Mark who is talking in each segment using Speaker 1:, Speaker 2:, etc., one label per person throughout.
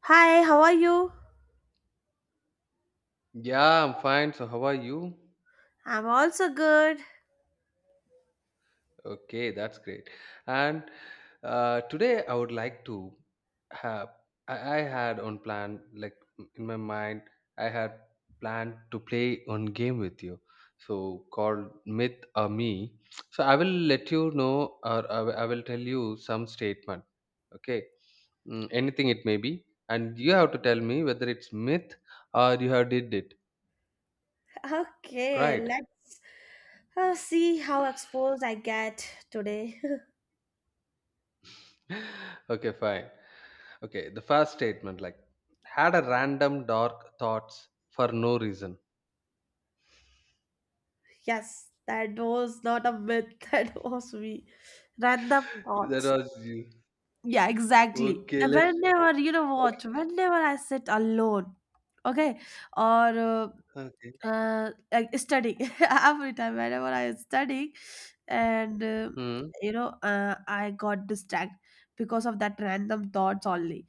Speaker 1: Hi, how are you?
Speaker 2: Yeah, I'm fine. So, how are you?
Speaker 1: I'm also good.
Speaker 2: Okay, that's great. And today I would like to have, I had on plan, like in my mind, I had planned to play one game with you. So, called Myth or Me. So, I will let you know, or I will tell you some statement. Okay, anything it may be. And you have to tell me whether it's myth or you have did it.
Speaker 1: Okay,
Speaker 2: Right.
Speaker 1: let's see how exposed I get today.
Speaker 2: okay, fine. Okay, the first statement like had a random dark thoughts for no reason.
Speaker 1: Yes, that was not a myth, that was me. Random
Speaker 2: That
Speaker 1: thoughts.
Speaker 2: was you.
Speaker 1: Yeah, exactly.
Speaker 2: Okay,
Speaker 1: And
Speaker 2: let's.
Speaker 1: whenever, you know what, whenever I sit alone, okay, or
Speaker 2: Okay.
Speaker 1: like studying, every time, whenever I'm studying, and
Speaker 2: Hmm.
Speaker 1: I got distracted because of that random thoughts only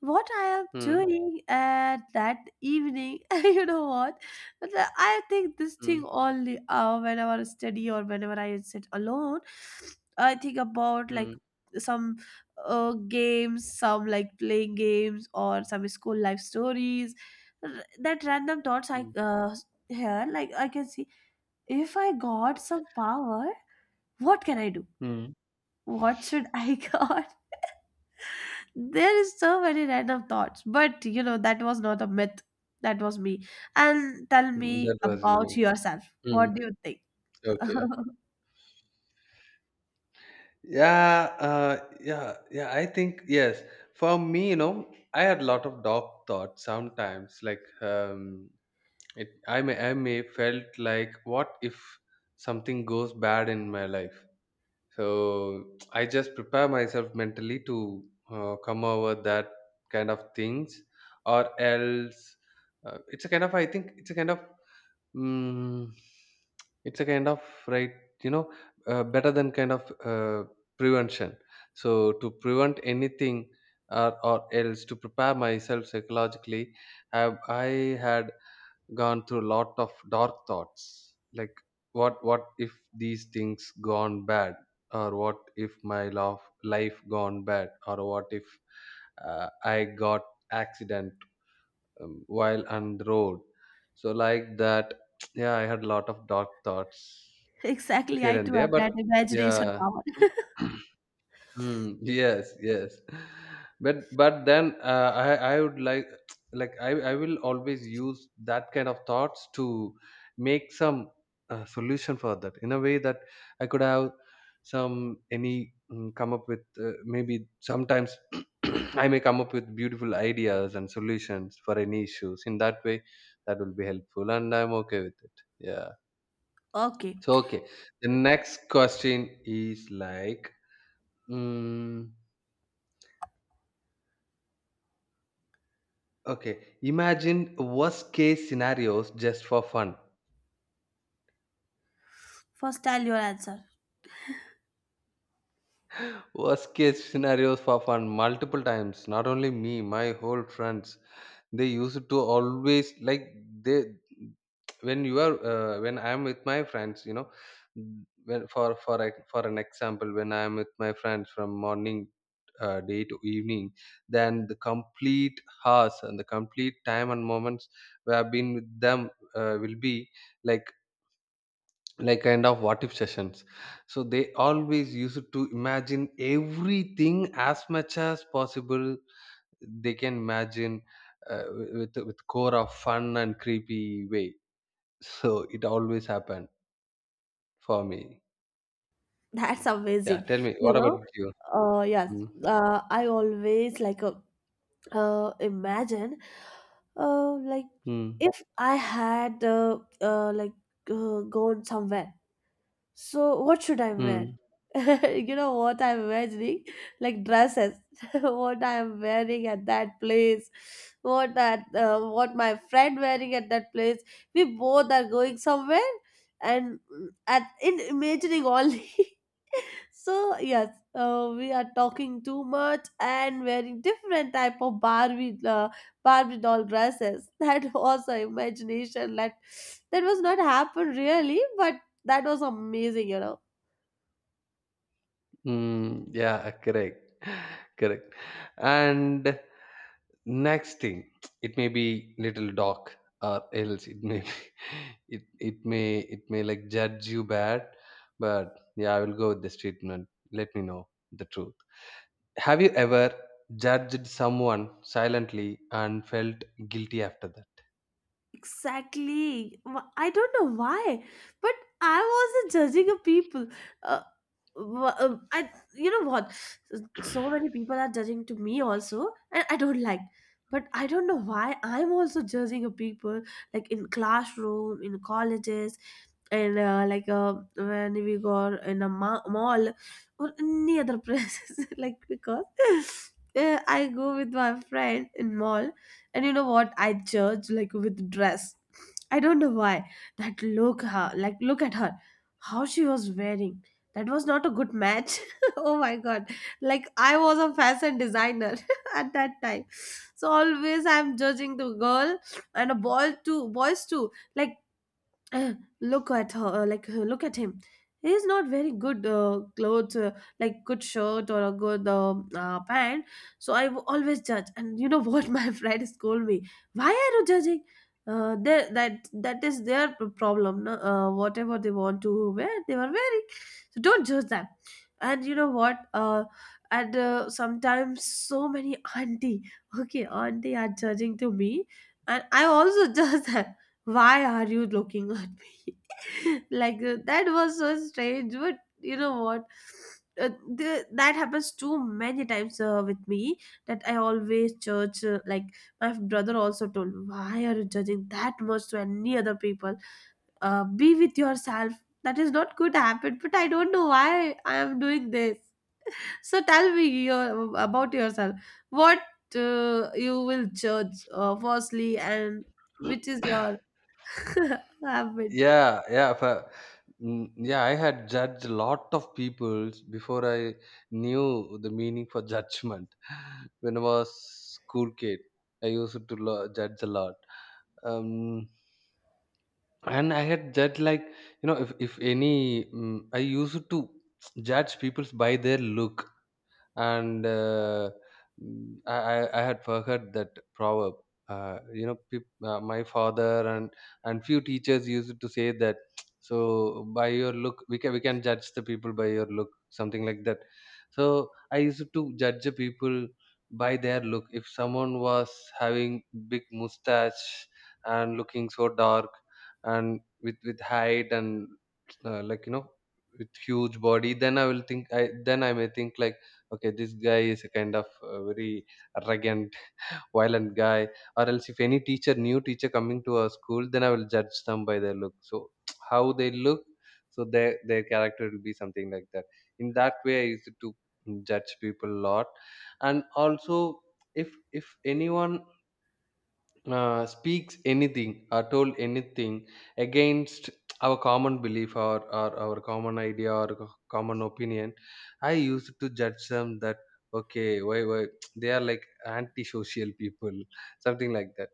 Speaker 1: what I am
Speaker 2: Hmm.
Speaker 1: doing at that evening, you know what? But I think this
Speaker 2: Hmm.
Speaker 1: thing only whenever I study or whenever I sit alone, I think about like
Speaker 2: Hmm.
Speaker 1: some games, some like playing games or some school life stories. That random thoughts I
Speaker 2: Hmm.
Speaker 1: hear, like I can see if I got some power, what can I do?
Speaker 2: Hmm.
Speaker 1: What should I got? There is so many random thoughts, but that was not a myth. That was me. And tell
Speaker 2: Hmm,
Speaker 1: me
Speaker 2: that was
Speaker 1: about
Speaker 2: you.
Speaker 1: yourself.
Speaker 2: Hmm.
Speaker 1: What do you think?
Speaker 2: Okay. Yeah. Yeah. Yeah, I think yes. For me, you know, I had a lot of dark thoughts sometimes. Like, it. I may felt like, what if something goes bad in my life? So I just prepare myself mentally to come over that kind of things, or else it's a kind of, I think it's a kind of mm, it's a kind of right, you know, better than kind of, prevention, so to prevent anything, or else to prepare myself psychologically. Have I had gone through a lot of dark thoughts? Like what if these things gone bad, or what if my love life gone bad, or what if I got accident, while on the road. So like that, yeah I had a lot of dark thoughts
Speaker 1: Exactly,
Speaker 2: here
Speaker 1: I
Speaker 2: and
Speaker 1: too
Speaker 2: there.
Speaker 1: have
Speaker 2: But
Speaker 1: that imagination
Speaker 2: yeah.
Speaker 1: power.
Speaker 2: Yes, yes. But then I would like I will always use that kind of thoughts to make some solution for that in a way that I could have some any come up with, maybe sometimes I may come up with beautiful ideas and solutions for any issues. In that way, that will be helpful, and I'm okay with it. Yeah.
Speaker 1: Okay,
Speaker 2: So okay, the next question is like. Mm, Okay, imagine worst case scenarios just for fun.
Speaker 1: first tell your answer.
Speaker 2: Worst case scenarios for fun multiple times. Not only me, my whole friends, they used to always like, they, when you are, when I am with my friends, you know, when for an example, when I am with my friends from morning day to evening, then the complete hours and the complete time and moments we have been with them will be like like kind of what if sessions. So they always used to imagine everything as much as possible they can imagine, uh, with core of fun and creepy way. So it always happened for me.
Speaker 1: That's
Speaker 2: Yeah,
Speaker 1: amazing.
Speaker 2: tell me
Speaker 1: You
Speaker 2: what about
Speaker 1: know,
Speaker 2: you.
Speaker 1: yes,
Speaker 2: mm.
Speaker 1: I always like imagine, like
Speaker 2: Mm,
Speaker 1: if I had like gone somewhere. So what should I wear?
Speaker 2: mm,
Speaker 1: You know what I'm imagining? Like dresses. What I'm wearing at that place. What my friend wearing at that place. We both are going somewhere, and at in imagining only. So yes, we are talking too much and wearing different type of barbie doll dresses. That was our imagination, that was not happen really, but that was amazing, you know.
Speaker 2: yeah, correct. Correct. And next thing, it may be little dog, or else it may be, it may like judge you bad, but yeah I will go with this treatment. Let me know the truth. Have you ever judged someone silently and felt guilty after that?
Speaker 1: Exactly. I don't know why, but I wasn't judging a people. Uh, I, you know what? So many people are judging to me also, and I don't like. But I don't know why I'm also judging a people, like in classroom, in colleges, and like when we go in a mall or any other places. Like, because I go with my friend in mall, and you know what? I judge like with dress. I don't know why. That look her, like look at her. How she was wearing. That was not a good match. Oh my god. Like I was a fashion designer at that time. So always I'm judging the girl, and a boy too, boys too. Like, "Eh, look at her, look at him, he's not very good clothes, like good shirt or a good pant." So I always judge, and you know what? My friend scold me, why are you judging that is their problem, no? Whatever they want to wear, they were wearing, so don't judge them. And you know what? And Sometimes so many auntie, okay, auntie are judging to me, and I also judge them, why are you looking at me? Like that was so strange, but you know what? uh, that happens too many times with me, that I always judge, like my brother also told me, why are you judging that much to any other people? Be with yourself, that is not good habit, but I don't know why I am doing this. So tell me about yourself, what you will judge firstly, and which is your love?
Speaker 2: Yeah for, yeah I had judged a lot of people before I knew the meaning for judgment. When I was school kid, I used to judge a lot. Um, and I had judged like, you know, if any I used to judge people by their look. And I had forgot that proverb. You know, my father and few teachers used to say that. So by your look, we can judge the people by your look, something like that. So I used to judge the people by their look. If someone was having big mustache and looking so dark and with height and like you know, with huge body, then I will think, I may think like, okay, this guy is a kind of very arrogant violent guy. Or else, if any teacher new teacher coming to our school, then I will judge them by their look. So how they look, so their character will be something like that. In that way I used to judge people a lot. And also, if if anyone speaks anything or told anything against our common belief, or our common idea, or common opinion, I used to judge them that, okay, why they are like antisocial people. Something like that.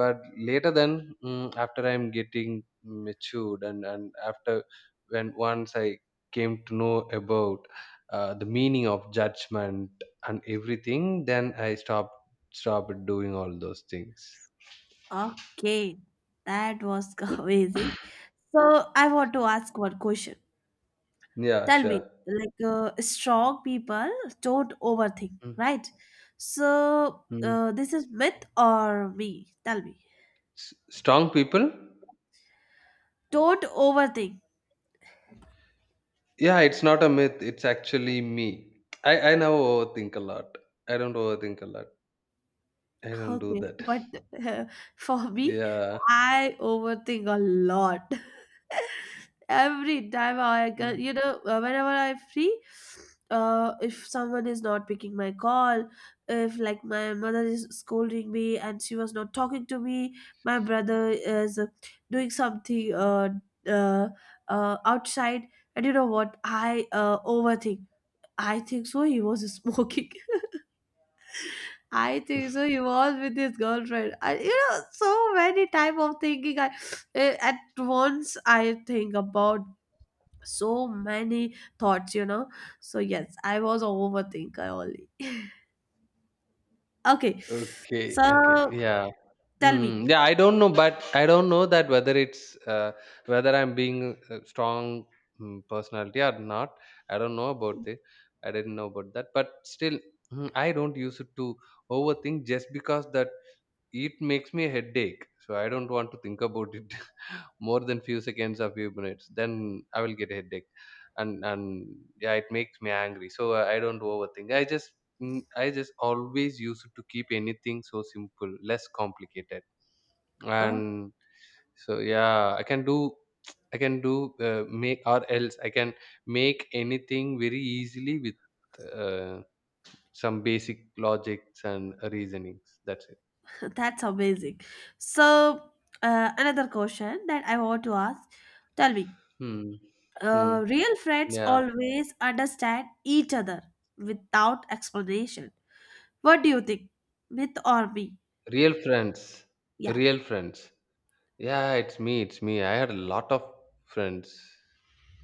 Speaker 2: But later then, after I'm getting matured, and after, when once I came to know about the meaning of judgment and everything, then I stopped doing all those things.
Speaker 1: Okay, that was amazing. So I want to ask one question.
Speaker 2: Yeah,
Speaker 1: Tell me,
Speaker 2: sure.
Speaker 1: like strong people don't overthink,
Speaker 2: Mm,
Speaker 1: right? So
Speaker 2: mm.
Speaker 1: this is myth or me? Tell me.
Speaker 2: Strong people?
Speaker 1: Don't overthink.
Speaker 2: Yeah, it's not a myth. It's actually me. I now overthink a lot. I don't overthink a lot. I don't do
Speaker 1: Okay,
Speaker 2: that.
Speaker 1: but uh, for me,
Speaker 2: Yeah.
Speaker 1: I overthink a lot. Every time I can,
Speaker 2: Mm.
Speaker 1: whenever I'm free, if someone is not picking my call, if like my mother is scolding me and she was not talking to me, my brother is doing something uh, outside, and you know what? I overthink. I think so. He was smoking. I think so. He was with his girlfriend. I, so many type of thinking. I at once I think about so many thoughts. So yes, I was a overthinker only. Okay, so
Speaker 2: Okay. Okay. Yeah.
Speaker 1: tell me.
Speaker 2: Yeah, I don't know, but I don't know that whether it's whether I'm being a strong personality or not. I don't know about it. I didn't know about that, but still, I don't use it to overthink just because that it makes me a headache, so I don't want to think about it more than few seconds or few minutes. Then I will get a headache, and yeah, it makes me angry. So I don't overthink. I just, I just always used to keep anything so simple, less complicated,
Speaker 1: Oh,
Speaker 2: and so yeah, I can do make, or else I can make anything very easily with uh, some basic logics and reasonings. That's it.
Speaker 1: that's amazing. So another question that I want to ask. Tell me,
Speaker 2: Hmm. Hmm.
Speaker 1: real friends
Speaker 2: Yeah.
Speaker 1: always understand each other without explanation. What do you think, myth or me?
Speaker 2: Real friends.
Speaker 1: Yeah,
Speaker 2: Real friends. Yeah, it's me. It's me. I had a lot of friends.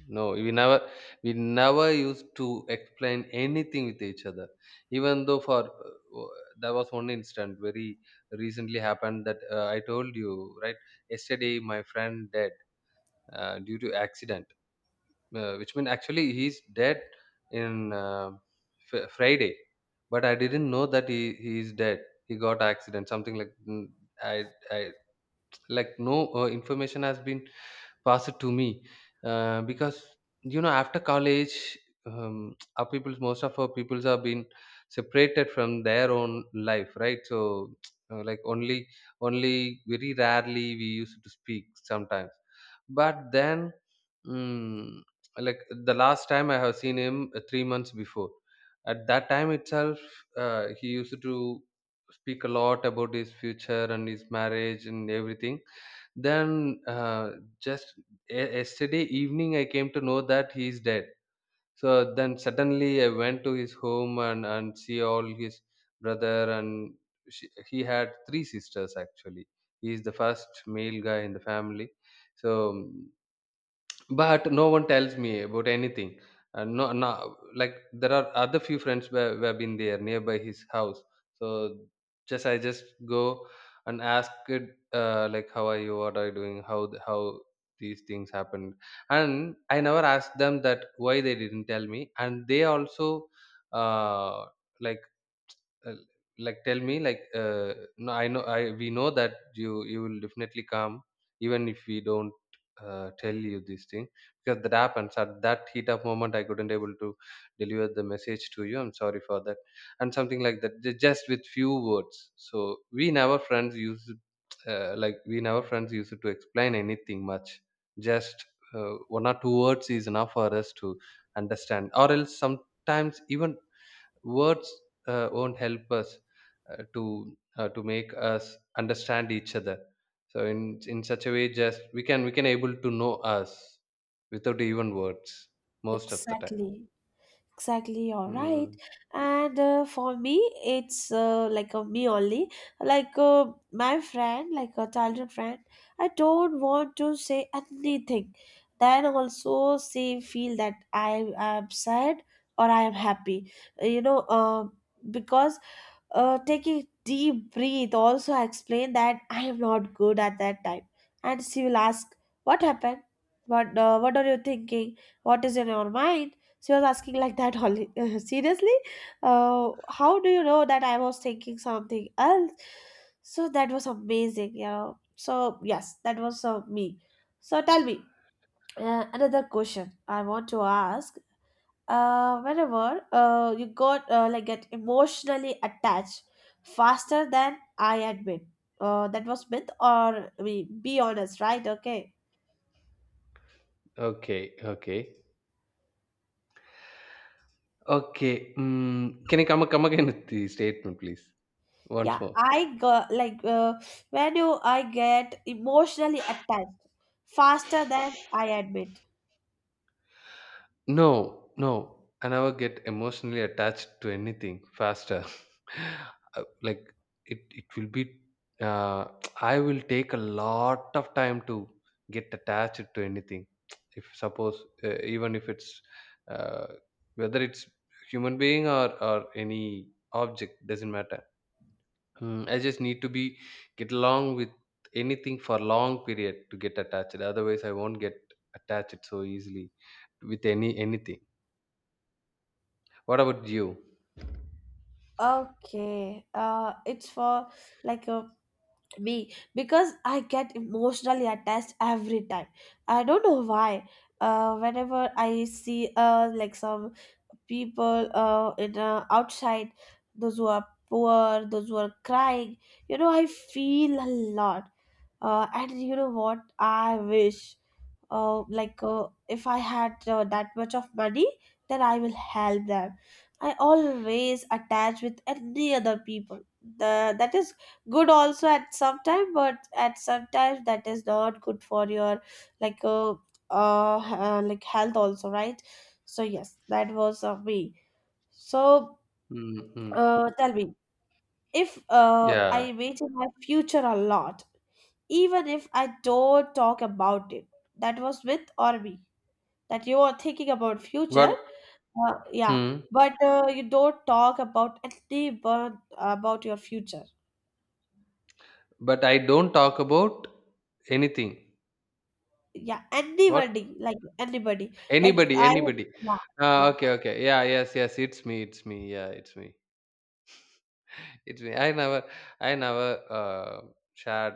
Speaker 2: No, we never used to explain anything with each other. Even though for there was one incident very recently happened that I told you, right, yesterday my friend dead due to accident. Uh, which means actually he's dead in Friday, but I didn't know that he is dead. He got accident, something like, mm, I I like no information has been pass it to me because, you know, after college, our people, most of our peoples have been separated from their own life, right? So like only very rarely we used to speak sometimes. But then, mm, like, the last time I have seen him 3 months before, at that time itself, he used to speak a lot about his future and his marriage and everything. Then just, yesterday evening, I came to know that he is dead. So then suddenly I went to his home and see all his brother and, he had three sisters actually. He is the first male guy in the family. So but no one tells me about anything. And no, no, like, there are other few friends where who have been there nearby his house. So just I just go and ask it, like, how are you, what are you doing, how these things happened? And I never asked them that why they didn't tell me. And they also uh, like, uh, tell me like, no, I know I we know that you will definitely come, even if we don't tell you this thing, because that happens at that heat up moment, I couldn't able to deliver the message to you, I'm sorry for that, and something like that, just with few words. So we never, our friends used to explain anything much, just one or two words is enough for us to understand. Or else, sometimes even words won't help us to make us understand each other. So in such a way, just we can able to know us without even words most of the time.
Speaker 1: exactly. Exactly, all right.
Speaker 2: Mm,
Speaker 1: And for me, it's like a me only. Like my friend, like a childhood friend, I don't want to say anything. Then also she feel that I am sad or I am happy. You know, uh, because take a deep breath. Also, I explain that I am not good at that time. And she will ask, what happened? What are you thinking? What is in your mind? She was asking like that only. Seriously? How do you know that I was thinking something else? So that was amazing. So, yes, that was me. So, tell me another question I want to ask, whenever you got like get emotionally attached faster than I admit. That was myth, or I mean, be honest, right? Okay.
Speaker 2: okay, okay, okay. Can you come again with the statement please, once
Speaker 1: Yeah,
Speaker 2: more?
Speaker 1: I got like when you I get emotionally attached faster than I admit.
Speaker 2: No, no, I never get emotionally attached to anything faster. Like, it will be. Uh, I will take a lot of time to get attached to anything. If suppose even if it's uh, whether it's human being, or any object, doesn't matter. I just need to be, get along with anything for long period to get attached. Otherwise, I won't get attached so easily with anything. What about you?
Speaker 1: Okay. It's for like a me because I get emotionally attached every time. I don't know why. Whenever I see like some people in outside, those who are poor, those who are crying, I feel a lot. And you know what? I wish if I had that much of money, then I will help them. I always attach with any other people. That is good also at some time, but at some time that is not good for your like uh, like health also, right? So yes, that was me. So
Speaker 2: Mm-hmm.
Speaker 1: tell me, if
Speaker 2: Yeah.
Speaker 1: I wait in my future a lot, even if I don't talk about it, that was with or me, that you are thinking about future,
Speaker 2: What?
Speaker 1: yeah,
Speaker 2: Hmm.
Speaker 1: but you don't talk about anyone about your future.
Speaker 2: But I don't talk about anything.
Speaker 1: Yeah, anybody,
Speaker 2: What?
Speaker 1: like anybody, like
Speaker 2: Anybody,
Speaker 1: I,
Speaker 2: anybody.
Speaker 1: yeah.
Speaker 2: Ah,
Speaker 1: Yeah.
Speaker 2: okay, okay. Yeah, yes, yes. It's me. It's me. Yeah, it's me. It's me. I never shared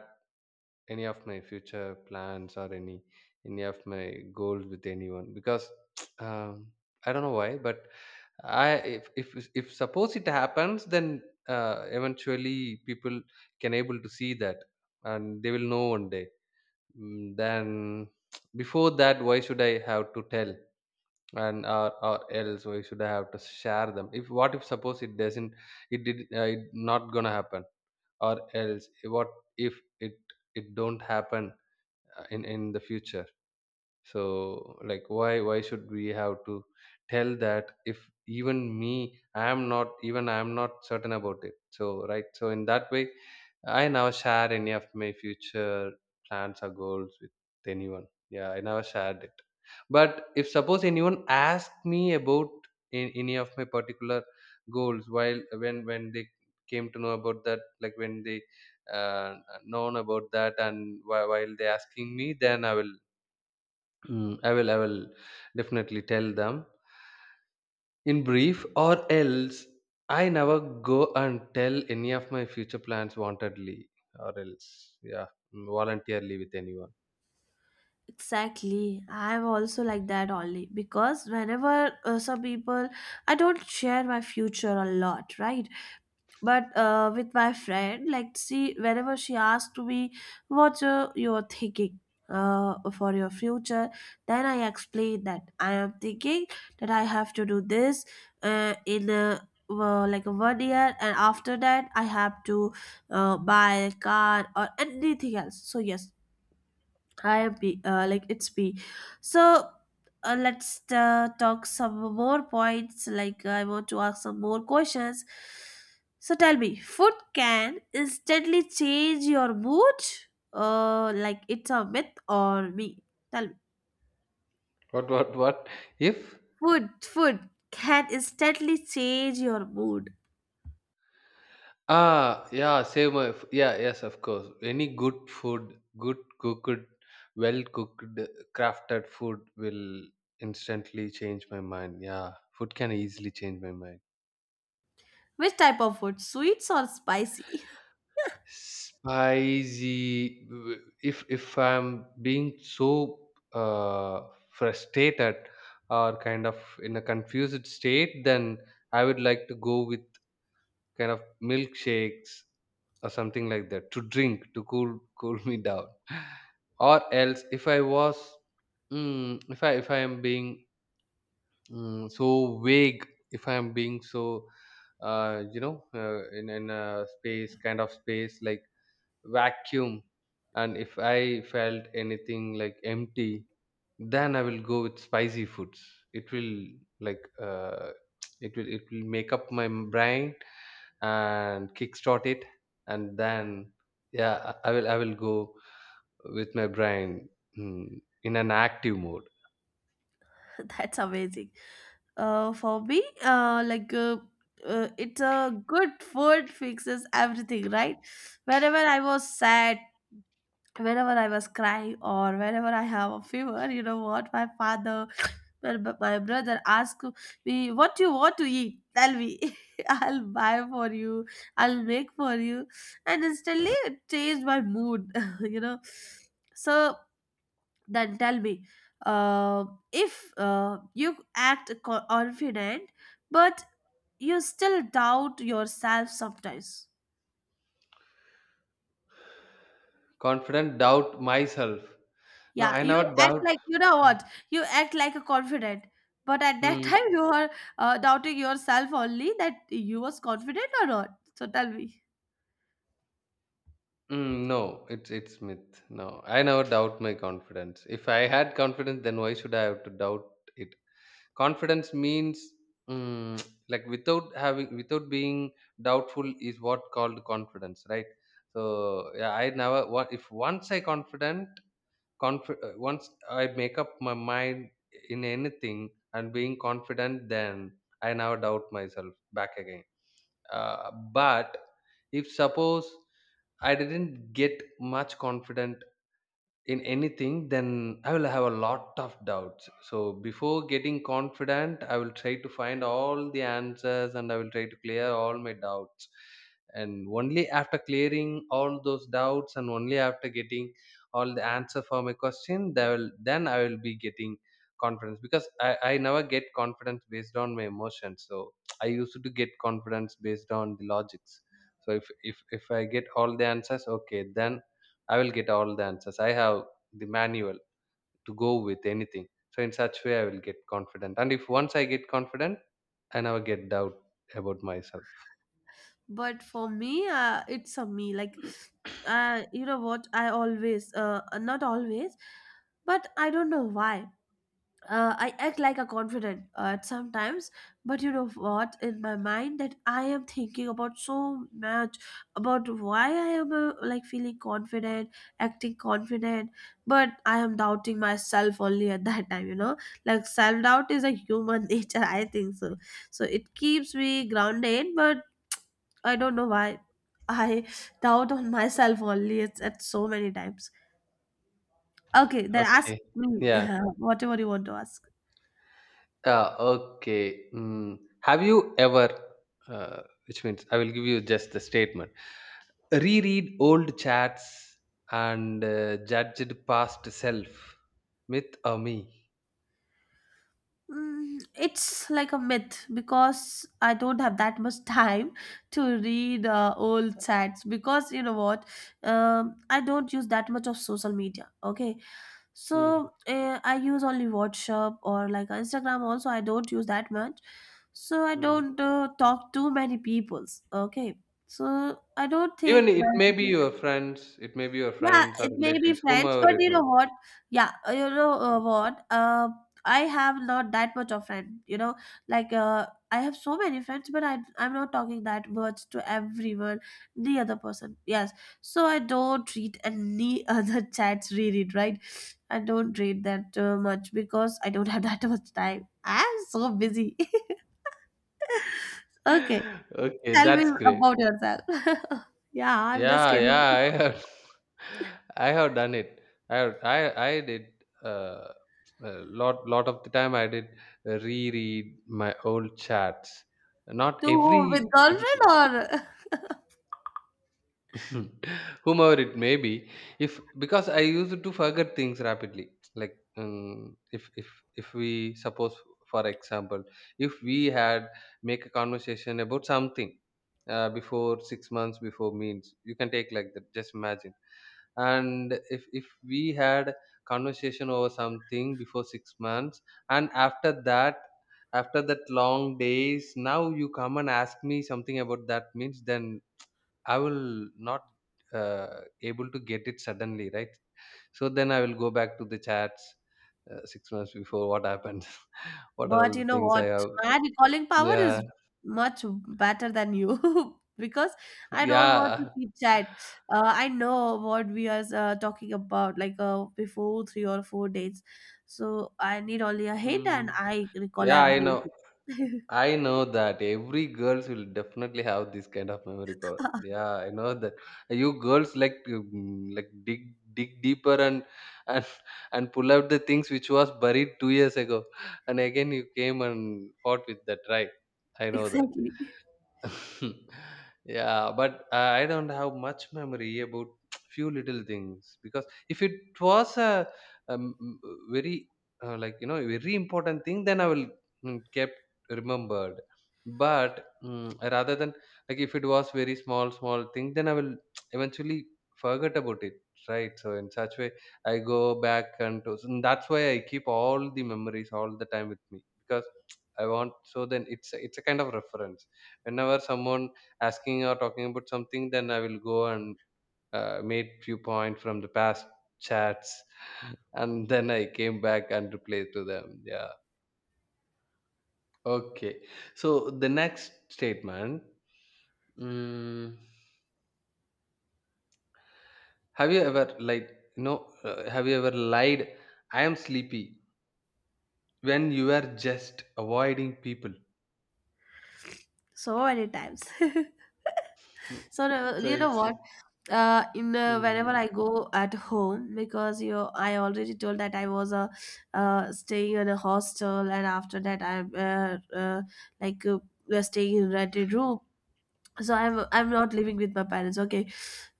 Speaker 2: any of my future plans or any of my goals with anyone because um, I don't know why, but I if suppose it happens, then eventually people can able to see that, and they will know one day. Then before that, why should I have to tell? Or else, why should I have to share them? If what if suppose it doesn't it did it not gonna happen, or else what if it it don't happen in the future? So why should we have to tell that, if even I am not certain about it? Right, so in that way, I never share any of my future plans or goals with anyone. Yeah, I never shared it. But if suppose anyone asked me about any of my particular goals, while when they came to know about that, like when they uh, known about that, and while they asking me, then I will Mm, I will definitely tell them in brief. Or else, I never go and tell any of my future plans wantedly or else, voluntarily, with anyone.
Speaker 1: Exactly. I'm also like that only because whenever some people, I don't share my future a lot, right? But with my friend, like she whenever she asked me what you're thinking for your future, then I explain that I am thinking that I have to do this in a well, like a 1 year, and after that I have to buy a car or anything else. So yes. Hi, B. Like it's B. So let's talk some more points. Like I want to ask some more questions. So tell me, food can instantly change your mood? Like it's a myth or me? Tell me.
Speaker 2: What if
Speaker 1: Food can instantly change your mood.
Speaker 2: ah yeah save my f- yeah yes, of course, any good food, good cooked well cooked crafted food will instantly change my mind. Yeah, food can easily change my mind.
Speaker 1: Which type of food? Sweets or spicy?
Speaker 2: Spicy. If I'm being so frustrated or kind of in a confused state, then I would like to go with kind of milkshakes or something like that to drink, to cool cool me down. Or else, if I was, if I am being so vague, if I am being so in a space, kind of space, like vacuum, and if I felt anything like empty, then I will go with spicy foods. It will, like it will make up my brain and kickstart it, and then, yeah, I will go with my brain mm, in an active mode.
Speaker 1: That's amazing. For me, it's a good food fixes everything, right? Whenever I was sad, whenever I was crying, or whenever I have a fever, you know what? My father, my my brother asked me, "What you want to eat? Tell me. I'll buy for you. I'll make for you," and instantly it changed my mood. you know, so. Then tell me, uh, if you act confident, but you still doubt yourself sometimes.
Speaker 2: Confident, doubt myself? No,
Speaker 1: Yeah,
Speaker 2: I
Speaker 1: you
Speaker 2: never
Speaker 1: act
Speaker 2: doubt.
Speaker 1: like you know what? You act like a confident, but at that
Speaker 2: Hmm.
Speaker 1: time you are doubting yourself only, that you was confident or not. So tell me.
Speaker 2: No, it's myth. No, I never doubt my confidence. If I had confidence, then why should I have to doubt it? Confidence means, mm, like without having, without being doubtful, is what called confidence, right? So yeah, I never. What If once I confident, once I make up my mind in anything and being confident, then I never doubt myself back again. But if suppose I didn't get much confident in anything, then I will have a lot of doubts. So before getting confident, I will try to find all the answers, and I will try to clear all my doubts. And only after clearing all those doubts, and only after getting all the answer for my question, that will then I will be getting confidence, because I never get confidence based on my emotions. So I used to get confidence based on the logics. So if I get all the answers, okay, then I will get all the answers. I have the manual to go with anything. So in such way, I will get confident. And if once I get confident, I never get doubt about myself.
Speaker 1: But for me, it's a me. Like, you know what? I always, not always, but I don't know why. I act like a confident at sometimes, but you know what? In my mind, that I am thinking about so much about why I am like feeling confident, acting confident, but I am doubting myself only at that time. Like self doubt is a human nature. I think so. So it keeps me grounded, but I don't know why I doubt on myself only. It's at so many times. Okay, then ask
Speaker 2: Okay.
Speaker 1: me
Speaker 2: Yeah.
Speaker 1: whatever you want to ask.
Speaker 2: Okay. Mm. Have you ever, which means I will give you just the statement, reread old chats and judged past self, myth or me?
Speaker 1: It's like a myth because I don't have that much time to read old chats, because you know what? I don't use that much of social media, okay.
Speaker 2: Hmm.
Speaker 1: So I use only WhatsApp, or like Instagram also I don't use that much, so I
Speaker 2: Hmm.
Speaker 1: don't talk to many peoples, okay. So I don't
Speaker 2: Even
Speaker 1: think
Speaker 2: it may be
Speaker 1: that.
Speaker 2: your friends, it may be your
Speaker 1: Yeah,
Speaker 2: friends or
Speaker 1: it may be
Speaker 2: relatives,
Speaker 1: friends,
Speaker 2: whomever
Speaker 1: but
Speaker 2: it
Speaker 1: you
Speaker 2: may
Speaker 1: know
Speaker 2: be.
Speaker 1: what? Yeah, you know what? I have not that much of friend. I have so many friends, but I'm not talking that much to everyone, the other person. Yes, so I don't treat any other chats really right. I don't treat that much because I don't have that much time. I'm so busy. Okay,
Speaker 2: Okay,
Speaker 1: tell me
Speaker 2: that's great.
Speaker 1: about yourself. Yeah, I'm just
Speaker 2: Yeah,
Speaker 1: kidding.
Speaker 2: yeah, I have, I have done it. I have, I did uh, a lot lot of the time. I did reread my old chats. Not
Speaker 1: To whom? With
Speaker 2: every,
Speaker 1: girlfriend
Speaker 2: every.
Speaker 1: or?
Speaker 2: Whomever it may be, if, because I used to forget things rapidly. Like, if we suppose, for example, if we had make a conversation about something before 6 months before, means, you can take like that, just imagine. And if we had conversation over something before 6 months, and after that, after that long days, now you come and ask me something about that, means, then I will not able to get it suddenly, right? So then I will go back to the chats 6 months before, what happened, what are
Speaker 1: But
Speaker 2: all
Speaker 1: you
Speaker 2: the
Speaker 1: know
Speaker 2: things I
Speaker 1: what?
Speaker 2: have.
Speaker 1: My recalling power
Speaker 2: Yeah,
Speaker 1: is much better than you because I don't want to
Speaker 2: yeah,
Speaker 1: keep chat. I know what we are talking about, like before three or four dates. So I need only a hit and
Speaker 2: mm.
Speaker 1: I recall
Speaker 2: Yeah. I know.
Speaker 1: everything.
Speaker 2: I know that every girls will definitely have this kind of memory power. Yeah, I know that you girls like to like dig deeper, and and pull out the things which was buried 2 years ago, and again you came and fought with that, right? I know that.
Speaker 1: Exactly.
Speaker 2: Yeah, but I don't have much memory about few little things, because if it was a um, m- very like, you know, very important thing, then I will kept remembered. But rather than, like, if it was very small thing, then I will eventually forget about it. Right, so in such way, I go back and, to, and that's why I keep all the memories all the time with me, because I want. So then it's it's a kind of reference. Whenever someone asking or talking about something, then I will go and made few point from the past chats, and then I came back and replied to them. Yeah. Okay, so the next statement, mm, have you ever, like no have you ever lied I am sleepy when you are just avoiding people?
Speaker 1: So many times.
Speaker 2: Hmm.
Speaker 1: So
Speaker 2: So
Speaker 1: you know
Speaker 2: it's,
Speaker 1: what? In Whenever
Speaker 2: mm,
Speaker 1: I go at home because I already told that I was staying in a hostel and after that I'm like we're staying in rented room so i'm not living with my parents, okay,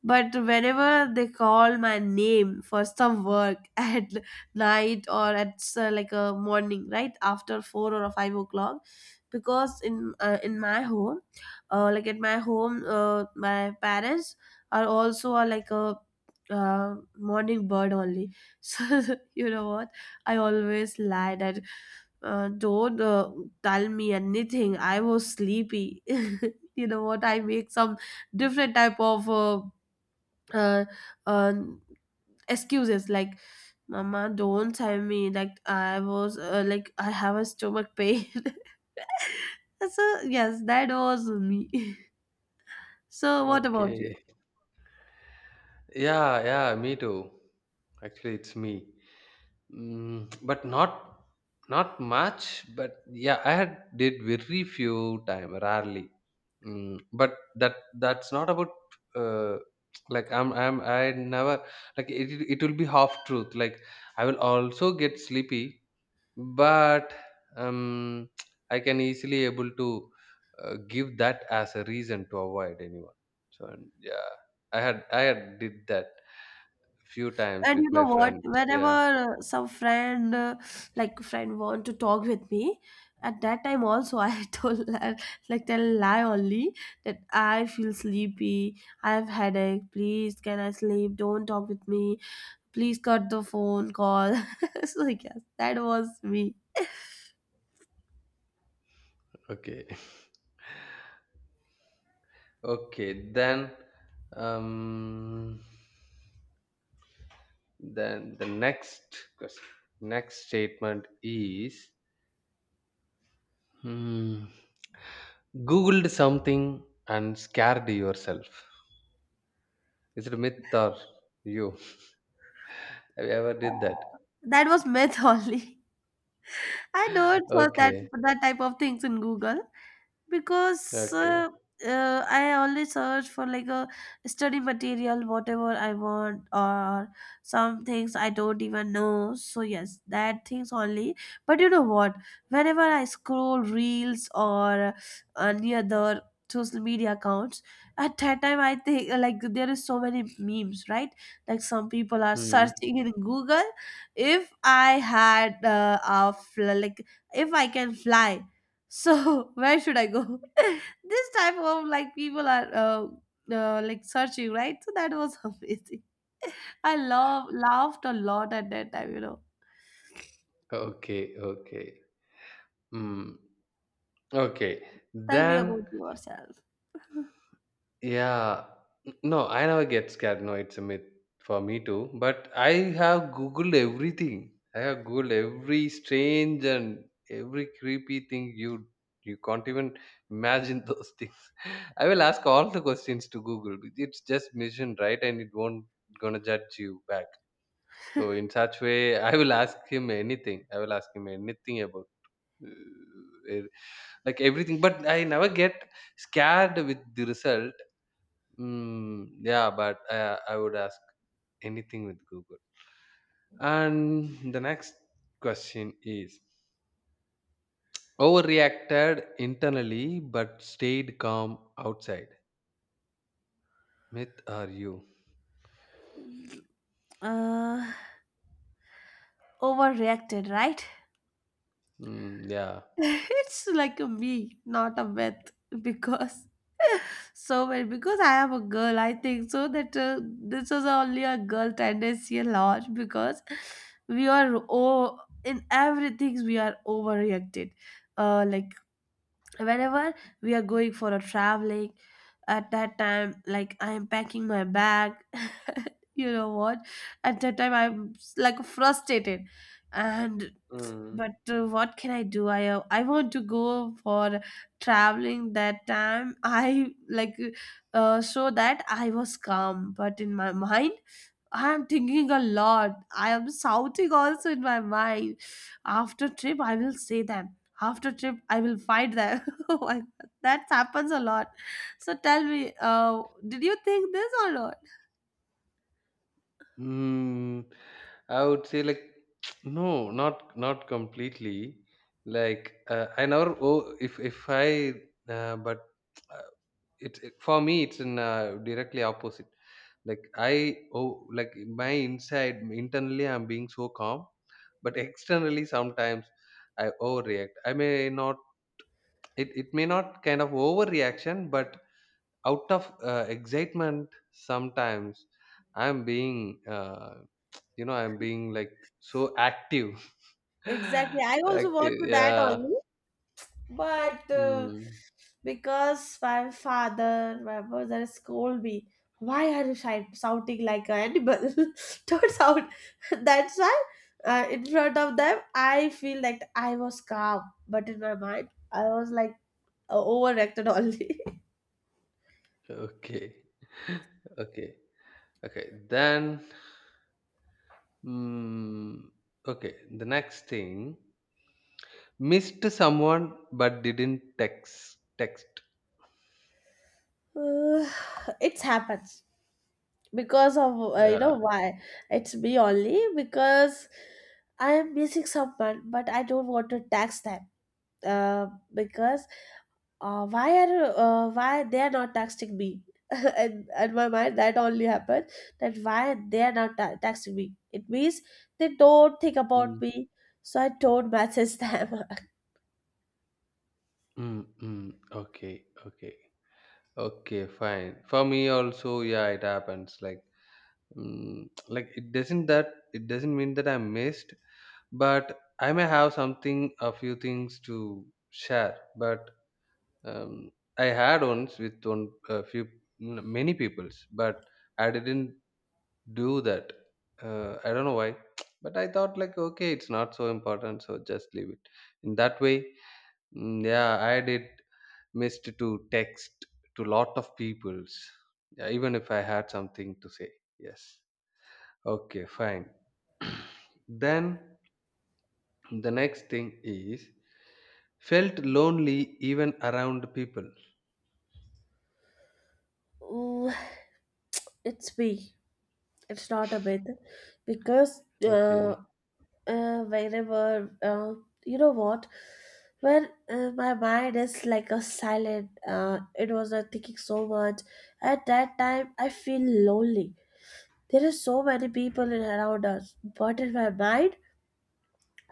Speaker 1: but whenever they call my name for some work at night or at like a morning right after 4 or 5 o'clock because in my home, like at my home, my parents are also like a morning bird only. So you know what I always lie that, don't tell me anything, I was sleepy. you know what I make some different type of uh, um excuses like, mama don't tell me, like I was like I have a stomach pain. So yes, that was me. So what about you?
Speaker 2: okay. Yeah, yeah, me too. Actually it's me. But not not much. But yeah, I had did very few time, rarely. But that, that's not about uh, like I'm I never like it. It will be half truth. Like, I will also get sleepy, but um, I can easily able to give that as a reason to avoid anyone. So, and yeah, I had did that few times
Speaker 1: And
Speaker 2: with
Speaker 1: you know
Speaker 2: my
Speaker 1: what?
Speaker 2: friends. Yeah.
Speaker 1: Whenever like friend, want to talk with me, at that time also I told her, like tell lie only that I feel sleepy, I have headache. Please, can I sleep? Don't talk with me. Please cut the phone call. So yes, that was me.
Speaker 2: Okay. Okay, um, then the next question, next statement is, hmm, Googled something and scared yourself. Is it a myth or you? Have you ever did that?
Speaker 1: That was myth only. I don't search that
Speaker 2: Okay,
Speaker 1: that type of things in Google, because
Speaker 2: okay,
Speaker 1: I only search for like a study material, whatever I want, or some things I don't even know. So yes, that things only. But you know what? Whenever I scroll reels or any other social media accounts, at that time I think like there is so many memes, right? Like some people are
Speaker 2: hmm,
Speaker 1: searching in Google, if I had a fl- like if I can fly, so where should I go? This type of like people are like searching, right? So that was amazing. I love laughed a lot at that time.
Speaker 2: okay, okay, hmm, okay.
Speaker 1: Tell me
Speaker 2: Then
Speaker 1: about yourself.
Speaker 2: Yeah. No, I never get scared. No, it's a myth for me too. But I have Googled everything. I have Googled every strange and every creepy thing you you can't even imagine those things. I will ask all the questions to Google. It's just mission, right? And it won't gonna judge you back. So in such way, I will ask him anything. I will ask him anything about uh, e- like everything. But I never get scared with the result. Yeah, but I would ask anything with Google. And the next question is, overreacted internally but stayed calm outside. Myth are you?
Speaker 1: Uh, Overreacted, right?
Speaker 2: Mm, yeah.
Speaker 1: It's like a me, not a myth, because, so when, because I am a girl, I think so that this is only a girl tendency a lot, because we are, oh, in everything we are overreacted. Like whenever we are going for a traveling, at that time, like, I am packing my bag. you know what at that time I'm like frustrated, and
Speaker 2: Mm.
Speaker 1: but what can I do? I want to go for traveling that time. I like, show that I was calm, but in my mind I am thinking a lot. I am shouting also in my mind. After trip, I will say them, after trip I will fight that. Like, that happens a lot. So tell me, did you think this or not?
Speaker 2: Mm, I would say like no, not not completely. Like I never. Oh, if I but uh, it, it for me it's in directly opposite. Like I, oh, like my inside, internally I'm being so calm, but externally sometimes I overreact. I may not, it, it may not kind of overreaction, but out of excitement, sometimes I'm being I'm being like so active.
Speaker 1: Exactly. I also want
Speaker 2: Active,
Speaker 1: to that
Speaker 2: yeah.
Speaker 1: only, but
Speaker 2: Hmm.
Speaker 1: because my father, my mother scold me. Why are you shouting like an animal? Turns out that's why in front of them I feel like I was calm, but in my mind I was like overreacted only.
Speaker 2: Okay. Okay, okay, then, mm, okay, the next thing, missed someone but didn't text.
Speaker 1: Uh, it happens because of, you know
Speaker 2: Yeah.
Speaker 1: why, it's me only, because I am missing someone, but I don't want to tax them. Uh, because, why are, why they are not texting me? And my mind that only happened, that why they are not texting me. It means they don't think about
Speaker 2: Mm.
Speaker 1: me, so I don't message them.
Speaker 2: Mm, mm. Okay, okay, okay, fine. For me also, yeah, it happens. Like, like, it doesn't, that it doesn't mean that I missed, but I may have something, a few things to share. But um, I had once with one a few many peoples, but I didn't do that. I don't know why, but I thought like, okay, it's not so important, so just leave it. In that way, yeah, I did missed to text to lot of peoples, yeah, even if I had something to say. Yes. Okay, fine. Then the next thing is, felt lonely even around people.
Speaker 1: Ooh, it's me. It's not a myth, because
Speaker 2: Okay.
Speaker 1: whenever, you know what, when my mind is like a silent, it was not thinking so much, at that time I feel lonely. There are so many people in around us, but in my mind,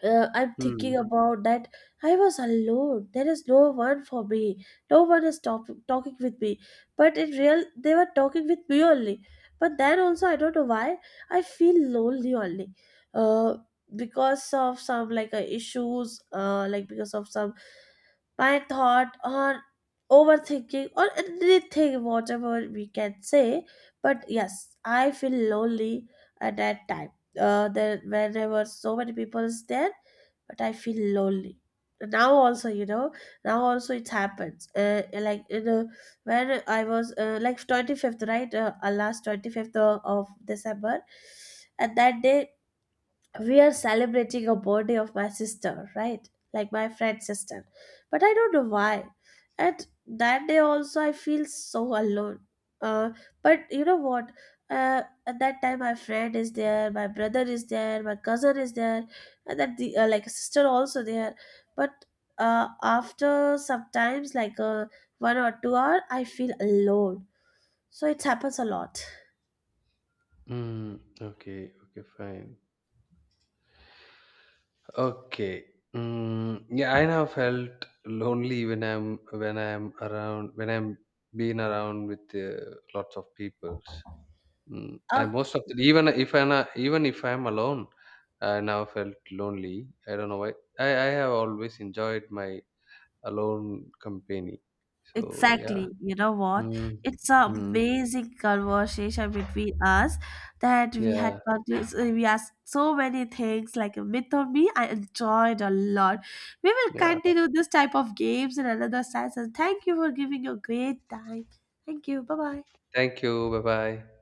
Speaker 1: I'm thinking
Speaker 2: Hmm.
Speaker 1: about that. I was alone. There is no one for me. No one is talking with me. But in real, they were talking with me only. But then also, I don't know why I feel lonely only. Uh, because of some like issues. Like because of some my thought or overthinking or anything, whatever we can say. But yes, I feel lonely at that time, there when there were so many people there, but I feel lonely. Now also, now also it happens. Like when I was like 25th, right? Last 25th of December, and that day we are celebrating a birthday of my sister, right? Like my friend's sister. But I don't know why. And that day also, I feel so alone. Uh, but you know what? At that time, my friend is there, my brother is there, my cousin is there, and then the like sister also there. But after sometimes, like 1 or 2 hour, I feel alone. So it happens a lot.
Speaker 2: Hmm. Okay. Okay. Fine. Okay. Yeah, I now felt lonely when I'm being around with lots of peoples. I
Speaker 1: Uh,
Speaker 2: most of the, even if even if I'm alone, I now felt lonely. I don't know why. I have always enjoyed my alone company. So yeah.
Speaker 1: Exactly. You know what?
Speaker 2: Mm,
Speaker 1: It's an
Speaker 2: mm,
Speaker 1: amazing conversation between us, that we had
Speaker 2: yeah.
Speaker 1: continuous, we asked so many things like a myth of me. I enjoyed a lot. We will
Speaker 2: Yeah.
Speaker 1: continue this type of games in another session. Thank you for giving your great time. Thank you. Bye bye.
Speaker 2: Thank you. Bye bye.